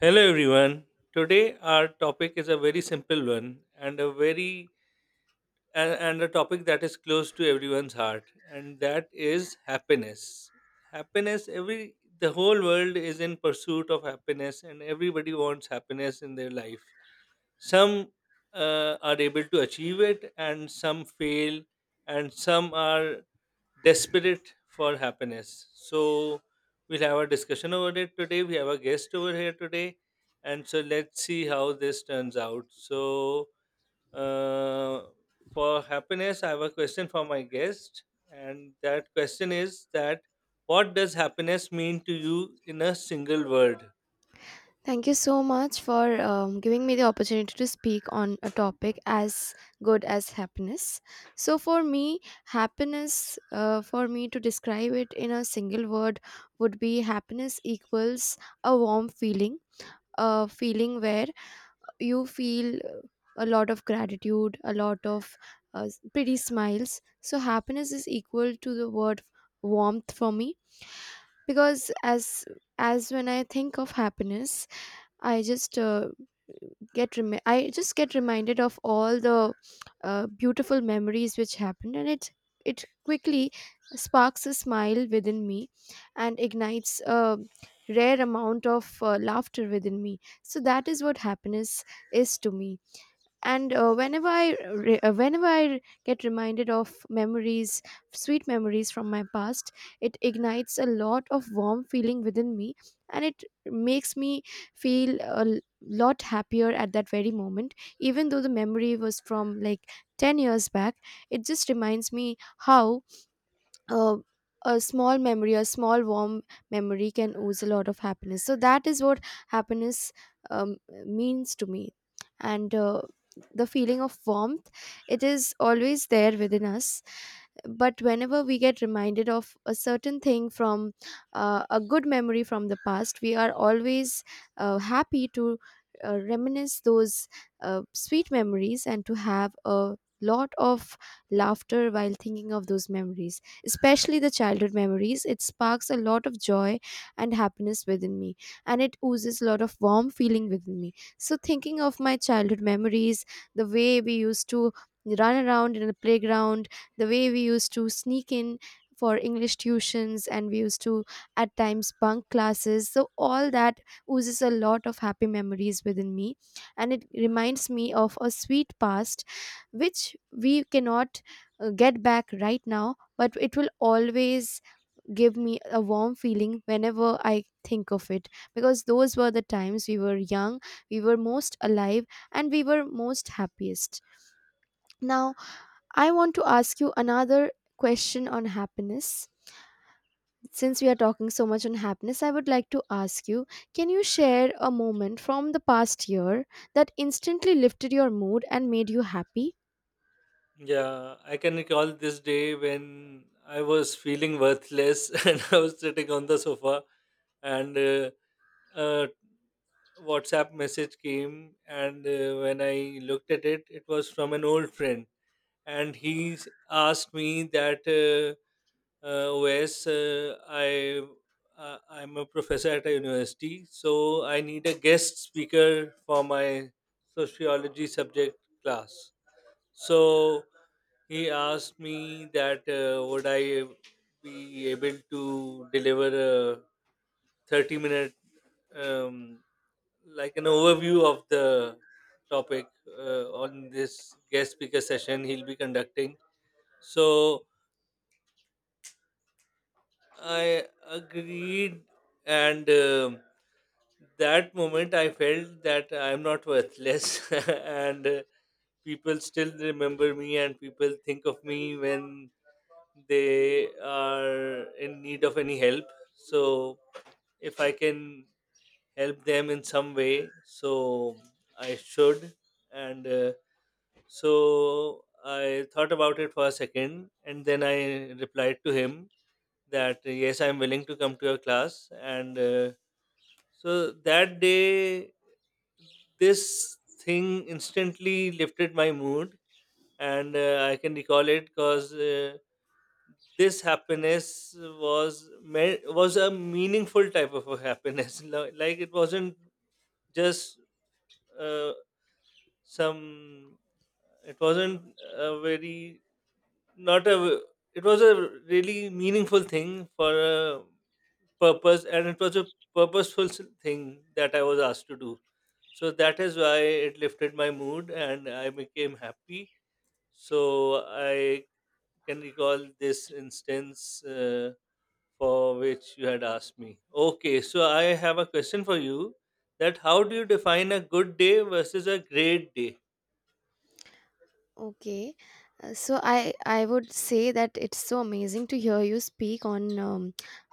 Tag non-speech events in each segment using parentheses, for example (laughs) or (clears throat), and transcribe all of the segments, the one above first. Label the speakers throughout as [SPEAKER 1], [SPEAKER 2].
[SPEAKER 1] Hello, everyone. Today, our topic is a very simple one and a very and a topic that is close to everyone's heart, and that is happiness. Happiness. Every the whole world is in pursuit of happiness, and everybody wants happiness in their life some are able to achieve it and some fail, and some are desperate for happiness. So we'll have a discussion over it today. We have a guest over here today, and so let's see how this turns out. So uh, for happiness, I have a question for my guest, and that question is that what does happiness mean to you in a single word?
[SPEAKER 2] Thank you so much for giving me the opportunity to speak on a topic as good as happiness. So, for me, happiness, for me to describe it in a single word, would be happiness equals a warm feeling, a feeling where you feel a lot of gratitude, a lot of pretty smiles. So, happiness is equal to the word warmth for me, because as when I think of happiness, I just uh, I just get reminded of all the beautiful memories which happened, and it quickly sparks a smile within me, and ignites a rare amount of laughter within me. So that is what happiness is to me. And whenever I get reminded of memories, sweet memories from my past, it ignites a lot of warm feeling within me, and it makes me feel a lot happier at that very moment, even though the memory was from like 10 years back. It just reminds me how uh, a small memory, a small warm memory can ooze a lot of happiness. So that is what happiness um, means to me. And the feeling of warmth, it is always there within us, but whenever we get reminded of a certain thing from a good memory from the past, we are always happy to reminisce those sweet memories, and to have a lot of laughter while thinking of those memories, especially the childhood memories. It sparks a lot of joy and happiness within me, and it oozes a lot of warm feeling within me. So thinking of my childhood memories, the way we used to run around in the playground, the way we used to sneak in for English tuitions and we used to at times bunk classes, so all that oozes a lot of happy memories within me, and it reminds me of a sweet past which we cannot get back right now. But it will always give me a warm feeling whenever I think of it, because those were the times we were young, we were most alive, and we were most happiest. Now, I want to ask you another question on happiness. Since we are talking so much on happiness, I would like to ask you, can you share a moment from the past year that instantly lifted your mood and made you happy?
[SPEAKER 1] Yeah, I can recall this day when I was feeling worthless (laughs) and I was sitting on the sofa, and a WhatsApp message came, and when I looked at it, it was from an old friend, and he asked me that OS, I I'm a professor at a university, so I need a guest speaker for my sociology subject class. So he asked me that would I be able to deliver a 30 minute, um, like an overview of the topic on this guest speaker session he'll be conducting. So I agreed, and that moment I felt that I'm not worthless, (laughs) and people still remember me and people think of me when they are in need of any help. So if I can help them in some way, so I should. And uh, so I thought about it for a second and then I replied to him that yes, I'm willing to come to your class. And so that day this thing instantly lifted my mood, and I can recall it because this happiness was was a meaningful type of a happiness. (laughs) Like it wasn't just, uh, some. It wasn't a very not a. it was a really meaningful thing for a purpose, and it was a purposeful thing that I was asked to do. So that is why it lifted my mood and I became happy. So I can recall this instance for which you had asked me. Okay, so I have a question for you, that how do you define a good day versus a great day?
[SPEAKER 2] Okay. So I would say that it's so amazing to hear you speak on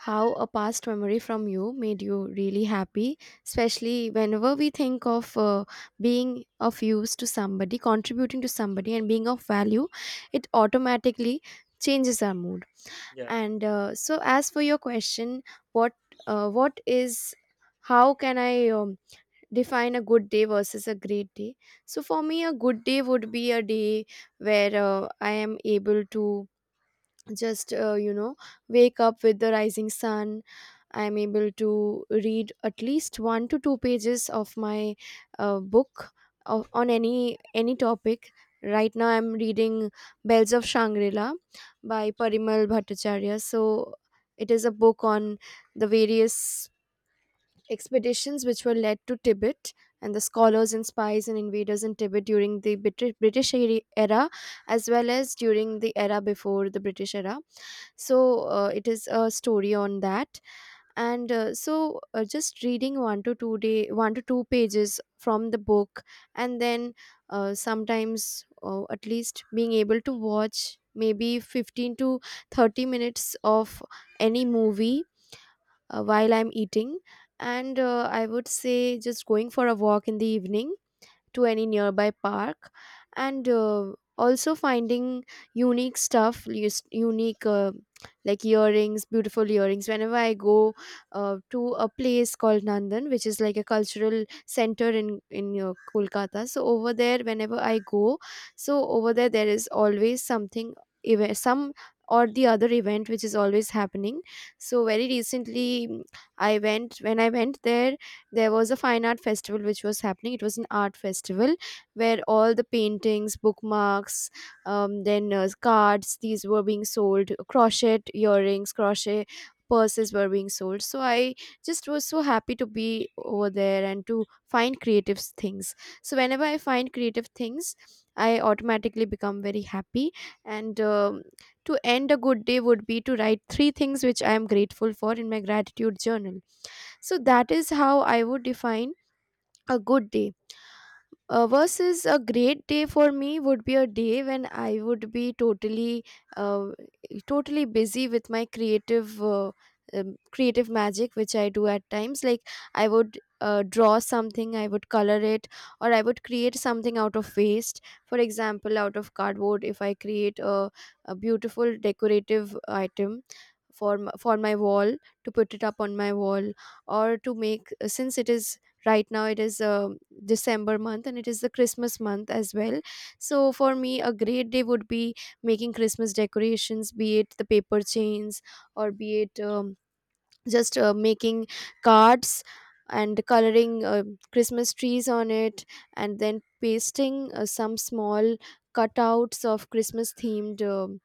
[SPEAKER 2] how a past memory from you made you really happy, especially whenever we think of being of use to somebody, contributing to somebody and being of value. It automatically changes our mood.
[SPEAKER 1] Yeah.
[SPEAKER 2] And so, as for your question, what what is how can I define a good day versus a great day? So, for me, a good day would be a day where I am able to just wake up with the rising sun, I am able to read at least one to two pages of my book on any topic. Right now I'm reading Bells of Shangri-La by Parimal Bhattacharya. So it is a book on the various expeditions which were led to Tibet, and the scholars and spies and invaders in Tibet during the British era, as well as during the era before the British era. So it is a story on that, and so just reading one to two pages from the book, and then sometimes at least being able to watch maybe 15 to 30 minutes of any movie while I'm eating. And I would say just going for a walk in the evening to any nearby park, and also finding unique stuff, unique, like earrings, beautiful earrings, whenever I go to a place called Nandan, which is like a cultural center in Kolkata. So over there, whenever I go, so over there there is always something, some or the other event, which is always happening. So very recently, I went when I went there, there was a fine art festival which was happening. It was an art festival where all the paintings, bookmarks, then cards, these were being sold. Crochet earrings, crochet purses were being sold, so I just was so happy to be over there and to find creative things. So whenever I find creative things, I automatically become very happy, and to end a good day would be to write three things which I am grateful for in my gratitude journal. So that is how I would define a good day. Versus a great day for me would be a day when I would be uh, totally busy with my creative magic, which I do at times. Like, I would draw something, I would color it, or I would create something out of waste. For example, out of cardboard, if I create a beautiful decorative item for for my wall, to put it up on my wall, or to make, since it is, right now it is December month and it is the Christmas month as well. So for me, a great day would be making Christmas decorations, be it the paper chains, or be it, just making cards and coloring Christmas trees on it, and then pasting some small cutouts of Christmas themed, um,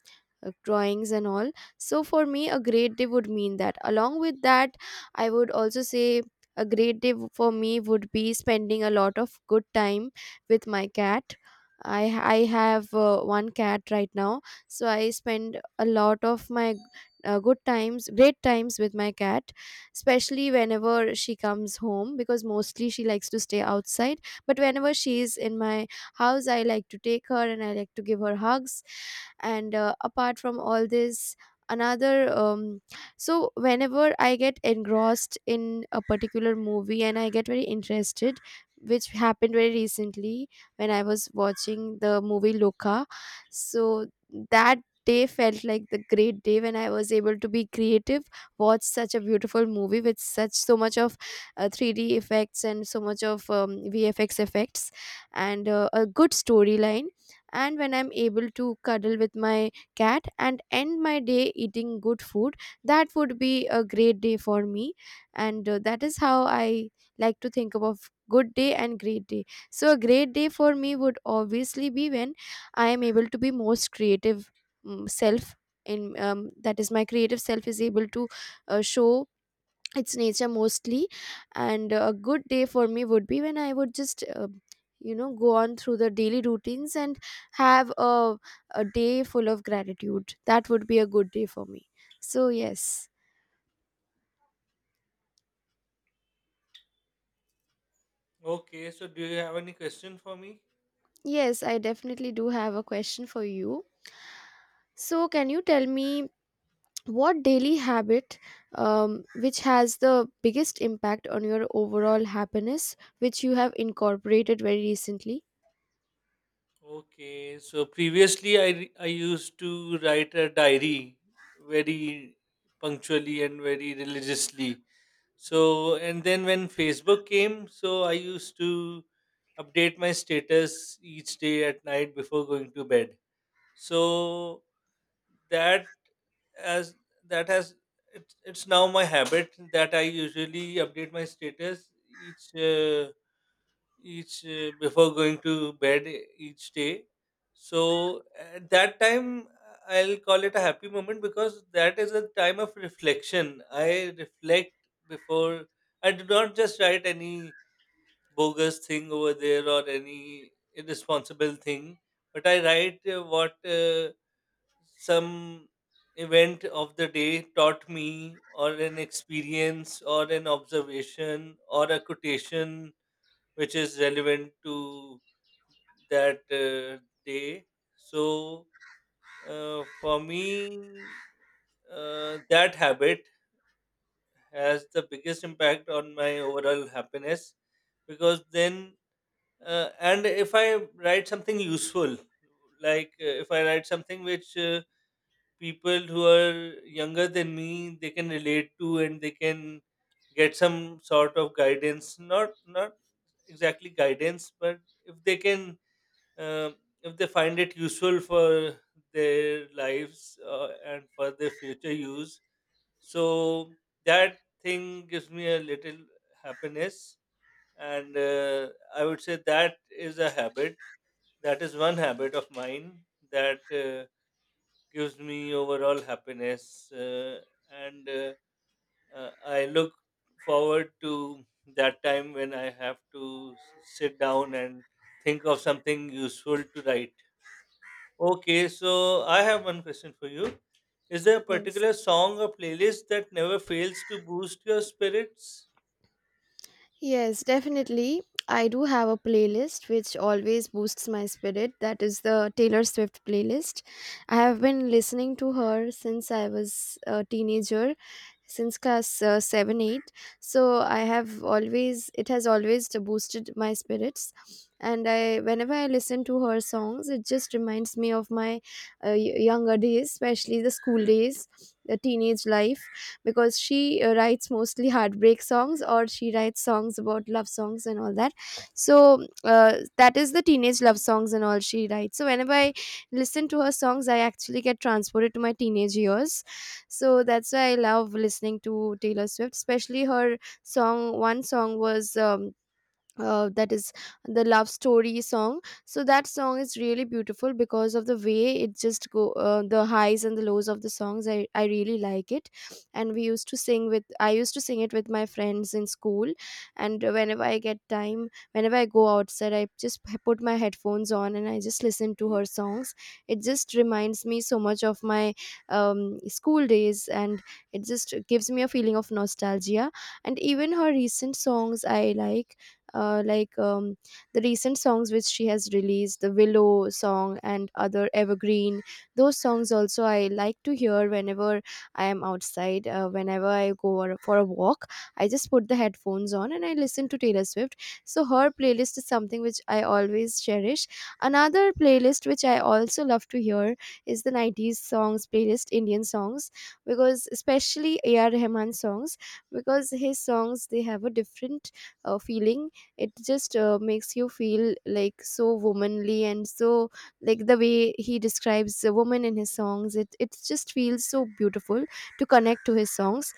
[SPEAKER 2] uh, drawings and all. So for me, a great day would mean that, along with that, I would also say, a great day, for me, would be spending a lot of good time with my cat. I i have one cat right now. So I spend a lot of my good times, great times with my cat, especially whenever she comes home, because mostly she likes to stay outside. But whenever she is in my house, I like to take her and I like to give her hugs. And apart from all this, another so whenever I get engrossed in a particular movie and I get very interested, which happened very recently, when I was watching the movie Loka. So that day felt like the great day, when I was able to be creative, watch such a beautiful movie with such so much of 3D effects and so much of VFX effects and a good storyline. And when I'm able to cuddle with my cat and end my day eating good food, that would be a great day for me. And that is how I like to think about good day and great day. So, a great day for me would obviously be when I am able to be most creative, self, in that is, my creative self is able to show its nature mostly. And a good day for me would be when I would just go on through the daily routines and have a day full of gratitude. That would be a good day for me. So, yes.
[SPEAKER 1] Okay, so do you have any question for me?
[SPEAKER 2] Yes, I definitely do have a question for you. So, can you tell me, what daily habit, which has the biggest impact on your overall happiness, which you have incorporated very recently?
[SPEAKER 1] Okay, so previously I used to write a diary very punctually and very religiously. So, and then when Facebook came, so I used to update my status each day at night before going to bed. So that as that has it's now my habit that I usually update my status each uh, each before going to bed each day. So at that time, I'll call it a happy moment, because that is a time of reflection. I reflect before, I do not just write any bogus thing over there or any irresponsible thing, but I write what some event of the day taught me, or an experience or an observation or a quotation which is relevant to that day. So for me, that habit has the biggest impact on my overall happiness, because then and if I write something useful, like if I write something which people who are younger than me, they can relate to and they can get some sort of guidance, not not exactly guidance, but if they can, uh, if they find it useful for their lives and for their future use. So that thing gives me a little happiness, and I would say that is a habit, that is one habit of mine that gives me overall happiness, and I look forward to that time when I have to sit down and think of something useful to write. Okay, so I have one question for you. Is there a
[SPEAKER 2] Yes.
[SPEAKER 1] particular song or playlist that never fails to boost your spirits?
[SPEAKER 2] Yes, definitely, I do have a playlist which always boosts my spirit. That is the Taylor Swift playlist. I have been listening to her since I was a teenager, since class 7 8. So I have always it has always boosted my spirits, and I whenever I listen to her songs, it just reminds me of my younger days, especially the school days, the teenage life, because she writes mostly heartbreak songs, or she writes songs about love songs and all that. So that is the teenage love songs and all she writes. So whenever I listen to her songs, I actually get transported to my teenage years. So that's why I love listening to Taylor Swift, especially her song. One song was, that is, the Love Story song. So that song is really beautiful because of the way it just go, the highs and the lows of the songs. I really like it, and we used to sing with I used to sing it with my friends in school. And whenever I get time, whenever I go outside, I just put my headphones on and I just listen to her songs. It just reminds me so much of my school days, and it just gives me a feeling of nostalgia. And even her recent songs I like, uh, like um, the recent songs which she has released, the Willow song, and other evergreen, those songs also I like to hear whenever I am outside, Whenever I go for a walk, I just put the headphones on and I listen to Taylor Swift. So her playlist is something which I always cherish. Another playlist which I also love to hear is the 90s songs playlist, Indian songs, because especially AR Rahman songs, because his songs they have a different feeling. It just makes you feel like so womanly and so, like the way he describes a woman in his songs, it just feels so beautiful to connect to his songs.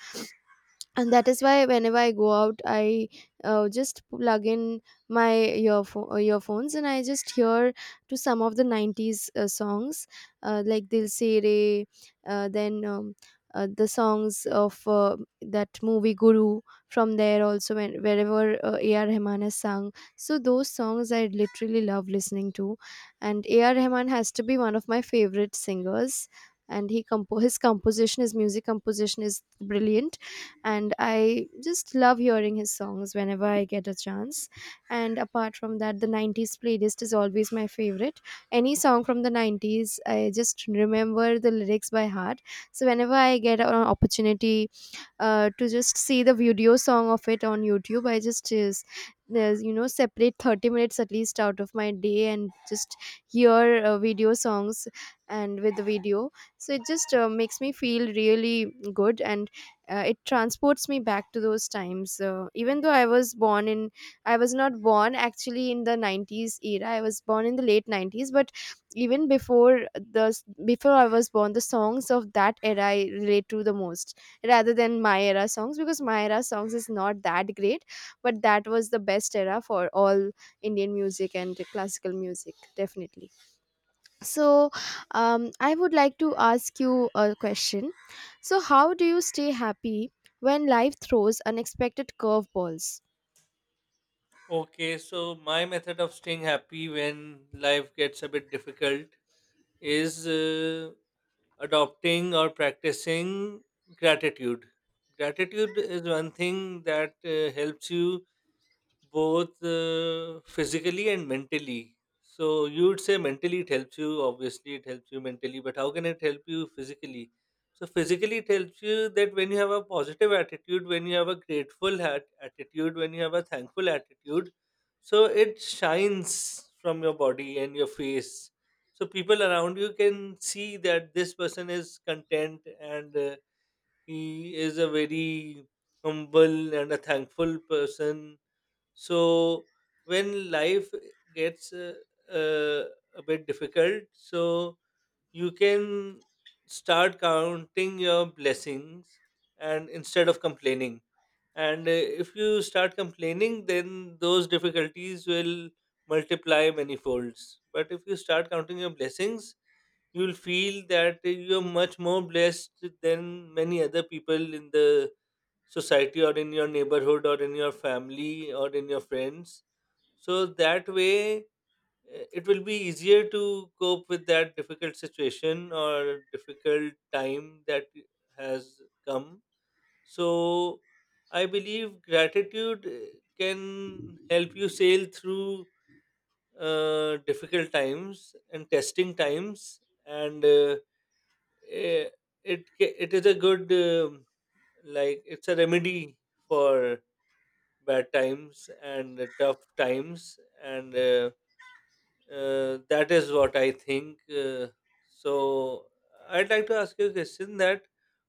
[SPEAKER 2] And that is why whenever I go out, I just plug in my earphones and I just hear to some of the 90s songs, like Dil Se Re, uh, then um, the songs of that movie Guru. From there also wherever AR Rahman has sung, so those songs I literally love listening to. And AR Rahman has to be one of my favorite singers, and he his composition, his music composition is brilliant, and I just love hearing his songs whenever I get a chance. And apart from that, the 90s playlist is always my favorite. Any song from the 90s, I just remember the lyrics by heart. So whenever I get an opportunity to just see the video song of it on YouTube, I just is you know, separate 30 minutes at least out of my day and just hear video songs and with the video. So it just makes me feel really good, and it transports me back to those times. Even though I was not born actually in the 90s era, I was born in the late 90s, but even before the before I was born, the songs of that era I relate to the most rather than my era songs, because my era songs is not that great. But that was the best era for all Indian music and classical music, definitely. So, I would like to ask you a question. So how do you stay happy when life throws unexpected curveballs?
[SPEAKER 1] Okay, so my method of staying happy when life gets a bit difficult is adopting or practicing gratitude. Gratitude is one thing that helps you both physically and mentally. So you would say mentally it helps you, obviously it helps you mentally, but how can it help you physically? So physically it helps you that when you have a positive attitude, when you have a grateful attitude, when you have a thankful attitude, so it shines from your body and your face. So people around you can see that this person is content, and he is a very humble and a thankful person. So when life gets uh, a bit difficult, so you can start counting your blessings, and instead of complaining, and if you start complaining, then those difficulties will multiply many folds. But if you start counting your blessings, you'll feel that you're much more blessed than many other people in the society or in your neighborhood or in your family or in your friends. So that way, it will be easier to cope with that difficult situation or difficult time that has come. So I believe gratitude can help you sail through difficult times and testing times, and eh, it it is a good, like it's a remedy for bad times and tough times, and that is what I think. uh, so I'd like to ask you a question, that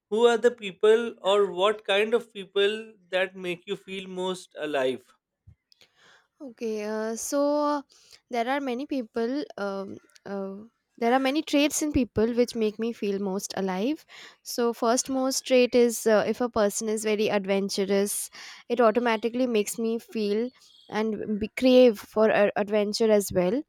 [SPEAKER 1] who are the people, or what kind of people, that make you feel most alive?
[SPEAKER 2] Okay, so there are many people. Uh, there are many traits in people which make me feel most alive. So, first most trait is, if a person is very adventurous, it automatically makes me feel and be crave for adventure as well.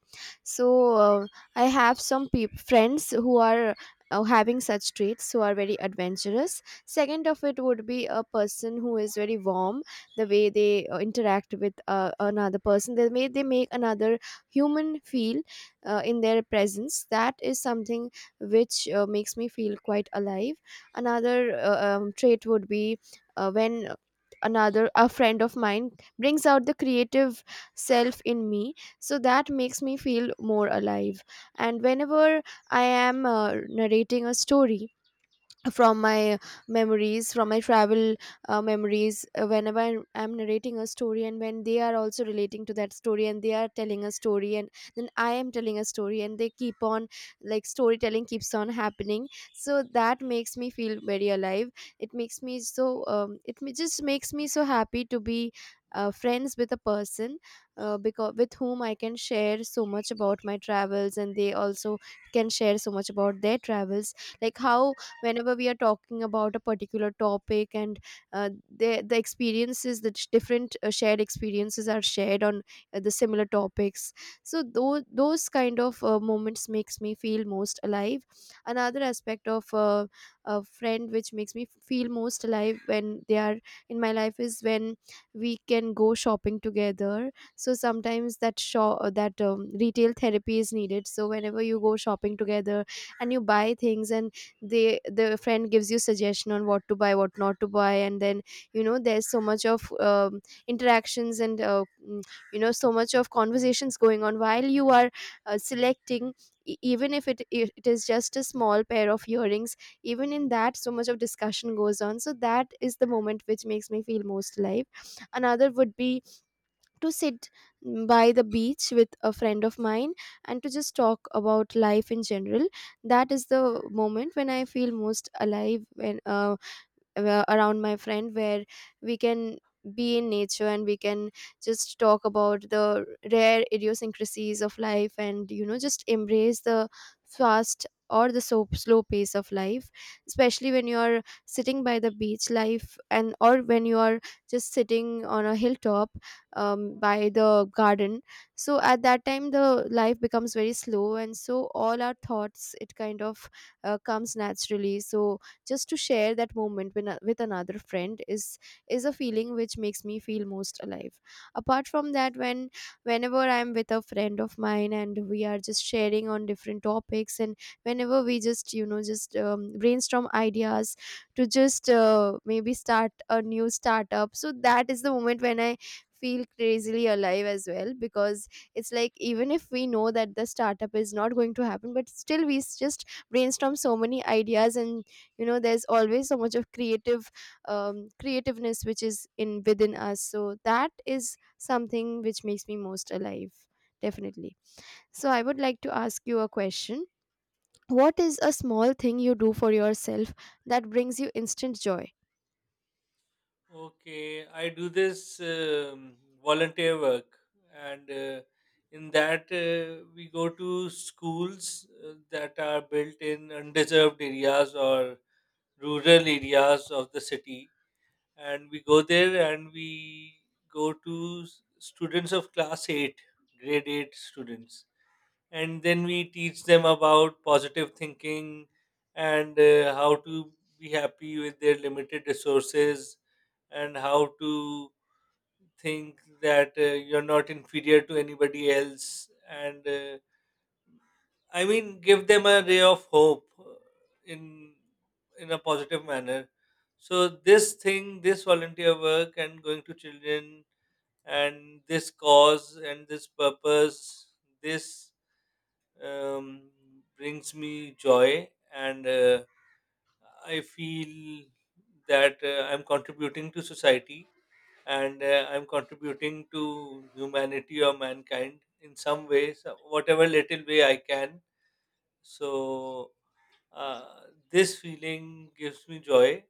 [SPEAKER 2] So, uh, I have some peop friends who are. Having such traits who are very adventurous. Second of it would be a person who is very warm, the way they interact with another person, the way they make another human feel in their presence, that is something which makes me feel quite alive. Another trait would be when another a friend of mine brings out the creative self in me, so that makes me feel more alive. And whenever I am narrating a story from my memories, from my travel memories, whenever I'm narrating a story and when they are also relating to that story and they are telling a story and then I am telling a story and they keep on, like storytelling keeps on happening, so that makes me feel very alive. It makes me so just makes me so happy to be friends with a person, because with whom I can share so much about my travels and they also can share so much about their travels. Like how whenever we are talking about a particular topic and uh, the experiences, the different shared experiences are shared on the similar topics, so those kind of moments makes me feel most alive. Another aspect of a friend which makes me feel most alive when they are in my life is when we can go shopping together. So sometimes that shop that retail therapy is needed. So whenever you go shopping together and you buy things and the friend gives you suggestion on what to buy, what not to buy, and then, you know, there's so much of interactions and you know, so much of conversations going on while you are selecting, even if it is just a small pair of earrings, even in that so much of discussion goes on. So that is the moment which makes me feel most alive. Another would be to sit by the beach with a friend of mine and to just talk about life in general. That is the moment when I feel most alive, and around my friend, where we can be in nature and we can just talk about the rare idiosyncrasies of life, and you know, just embrace the fast or the so slow pace of life, especially when you are sitting by the beach life, and or when you are just sitting on a hilltop, by the garden. So at that time the life becomes very slow and so all our thoughts, it kind of comes naturally. So just to share that moment with another friend is a feeling which makes me feel most alive. Apart from that, whenever I'm with a friend of mine and we are just sharing on different topics, and whenever we just, you know, just brainstorm ideas to just maybe start a new startup, so that is the moment when I feel crazily alive as well, because it's like even if we know that the startup is not going to happen, but still we just brainstorm so many ideas, and you know, there's always so much of creative creativeness which is in within us. So that is something which makes me most alive, definitely. So I would like to ask you a question. What is a small thing you do for yourself that brings you instant joy?
[SPEAKER 1] Okay, I do this um, volunteer work, and in that we go to schools that are built in undeserved areas or rural areas of the city, and we go there and we go to students of class 8, grade 8 students, and then we teach them about positive thinking, and how to be happy with their limited resources, and how to think that you're not inferior to anybody else, and I mean, give them a ray of hope in in a positive manner. So this thing, this volunteer work, and going to children, and this cause, and this purpose, this um, brings me joy, and I feel that I'm contributing to society, and I'm contributing to humanity or mankind in some ways, whatever little way I can. So uh, this feeling gives me joy,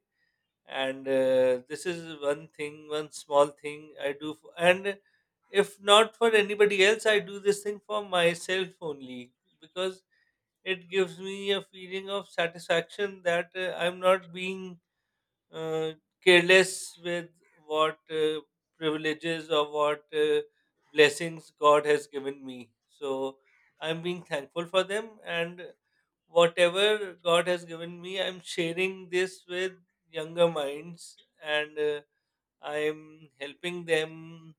[SPEAKER 1] and this is one thing, one small thing I do. For, and if not for anybody else, I do this thing for myself only, because it gives me a feeling of satisfaction that I'm not being uh, careless with what privileges or what blessings God has given me. So I'm being thankful for them, and whatever God has given me, I'm sharing this with younger minds, and I'm helping them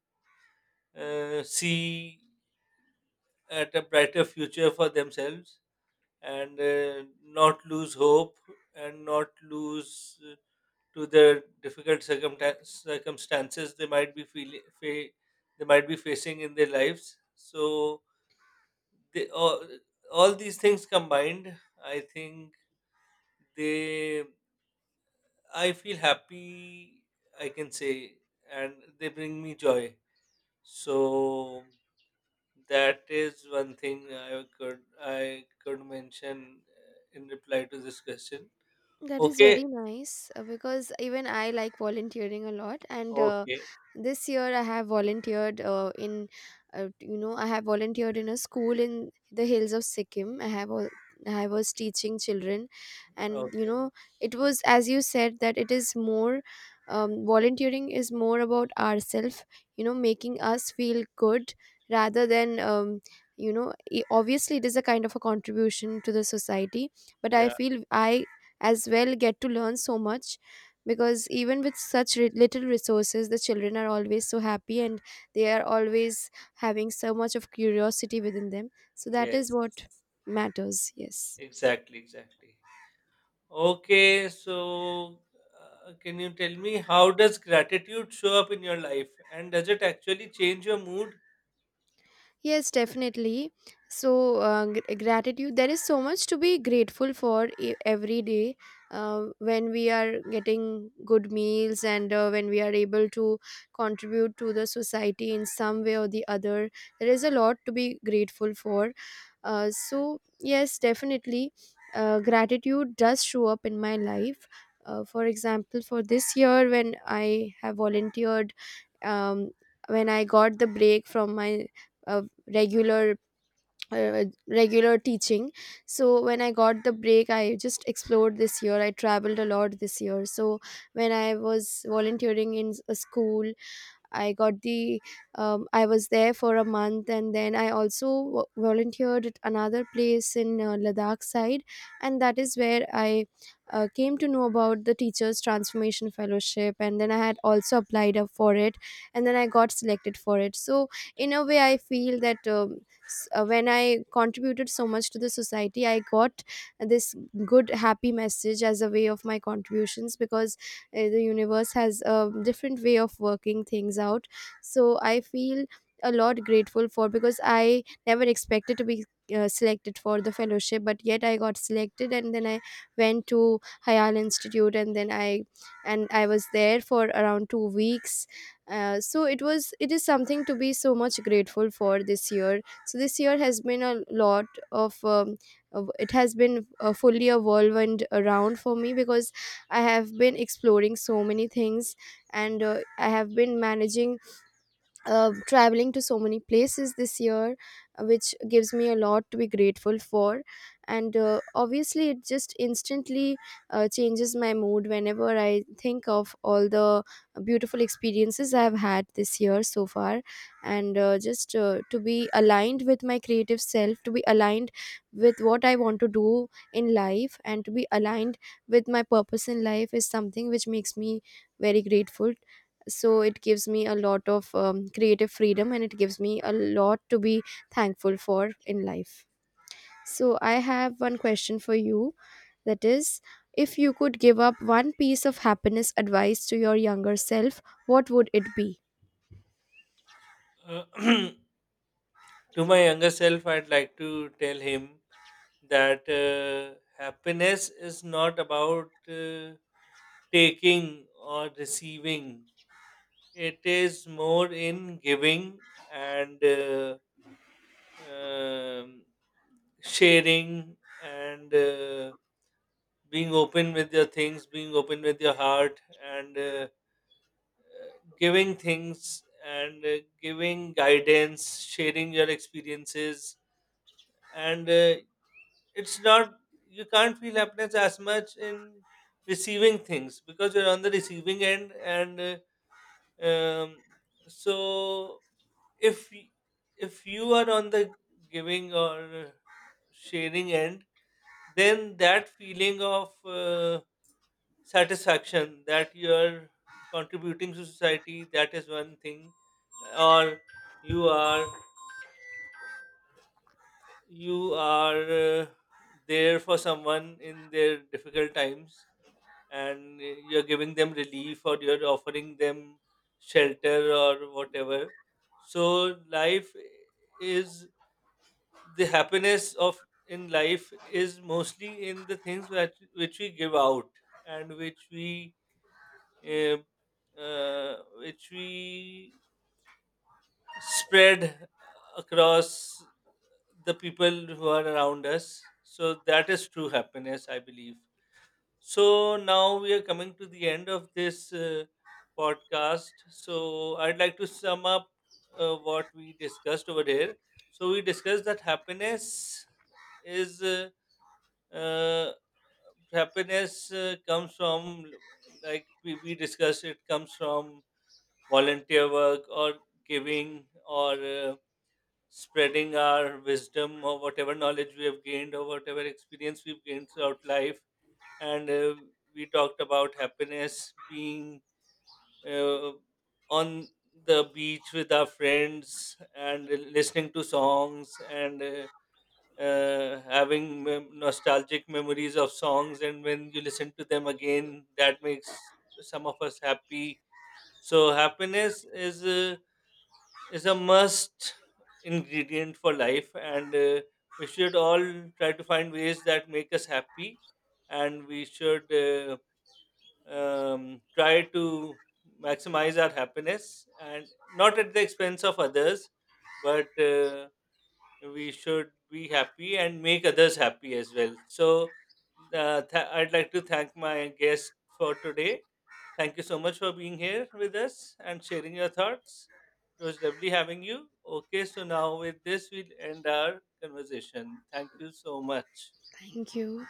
[SPEAKER 1] see at a brighter future for themselves, and not lose hope and not lose to the difficult circumstances they might be feeling they might be facing in their lives. So they all these things combined, I think they, I feel happy, I can say, and they bring me joy. So that is one thing I could, I could mention in reply to this question.
[SPEAKER 2] That is
[SPEAKER 1] Okay.
[SPEAKER 2] very nice, because even I like volunteering a lot, and
[SPEAKER 1] Okay.
[SPEAKER 2] this year I have volunteered in, you know, I have volunteered in a school in the hills of Sikkim. I was teaching children, and you
[SPEAKER 1] Okay.
[SPEAKER 2] know, it was as you said that it is more, volunteering is more about ourselves, you know, making us feel good rather than. You know, obviously, it is a kind of a contribution to the society, but I
[SPEAKER 1] Yeah.
[SPEAKER 2] feel I as well get to learn so much, because even with such little resources the children are always so happy and they are always having so much of curiosity within them. So that is
[SPEAKER 1] Yes.
[SPEAKER 2] what matters, yes.
[SPEAKER 1] Exactly, exactly. Okay, so can you tell me, how does gratitude show up in your life, and does it actually change your mood?
[SPEAKER 2] Yes, definitely. So, gratitude, there is so much to be grateful for every day, when we are getting good meals and when we are able to contribute to the society in some way or the other. There is a lot to be grateful for. So, yes, definitely, gratitude does show up in my life. For example, for this year, when I have volunteered, um, when I got the break from my uh, regular regular teaching, so when I got the break I just explored. This year I traveled a lot this year. So when I was volunteering in a school, I got the, I was there for a month and then I also volunteered at another place in Ladakh side, and that is where I came to know about the Teachers Transformation Fellowship, and then I had also applied up for it, and then I got selected for it. So in a way I feel that, when I contributed so much to the society, I got this good happy message as a way of my contributions, because the universe has a different way of working things out. So I feel a lot grateful for, because I never expected to be selected for the fellowship, but yet I got selected, and then I went to Hayal Institute, and then I was there for around 2 weeks. So it was, it is something to be so much grateful for this year. So this year has been a lot of, it has been fully a whirlwind around for me, because I have been exploring so many things, and I have been managing traveling to so many places this year, which gives me a lot to be grateful for. And obviously it just instantly changes my mood whenever I think of all the beautiful experiences I have had this year so far. And just to be aligned with my creative self, to be aligned with what I want to do in life, and to be aligned with my purpose in life is something which makes me very grateful. So it gives me a lot of creative freedom, and it gives me a lot to be thankful for in life. So I have one question for you. That is, if you could give up one piece of happiness advice to your younger self, what would it be?
[SPEAKER 1] Uh, (clears throat) to my younger self, I'd like to tell him that happiness is not about taking or receiving, it is more in giving, and um, sharing, and being open with your things, being open with your heart, and uh, giving things, and giving guidance, sharing your experiences. And it's not, you can't feel happiness as much in receiving things, because you're on the receiving end. And uh, um, so if, if you are on the giving or sharing end, then that feeling of satisfaction that you're contributing to society, that is one thing. Or you are, you are there for someone in their difficult times, and you're giving them relief, or you're offering them shelter or whatever. So life is the happiness of in life is mostly in the things that which we give out, and which we eh, which we spread across the people who are around us. So that is true happiness, I believe. So now we are coming to the end of this podcast. So I'd like to sum up what we discussed over here. So we discussed that happiness is uh, happiness comes from, like we discussed, it comes from volunteer work or giving, or spreading our wisdom, or whatever knowledge we have gained, or whatever experience we've gained throughout life. And we talked about happiness being uh, on the beach with our friends and listening to songs, and having nostalgic memories of songs. And when you listen to them again, that makes some of us happy. So, happiness is a must ingredient for life, and we should all try to find ways that make us happy, and we should, try to maximize our happiness, and not at the expense of others, but we should be happy and make others happy as well. So I'd like to thank my guest for today. Thank you so much for being here with us and sharing your thoughts. It was lovely having you. Okay, so now with this, we'll end our conversation. Thank you so much.
[SPEAKER 2] Thank you.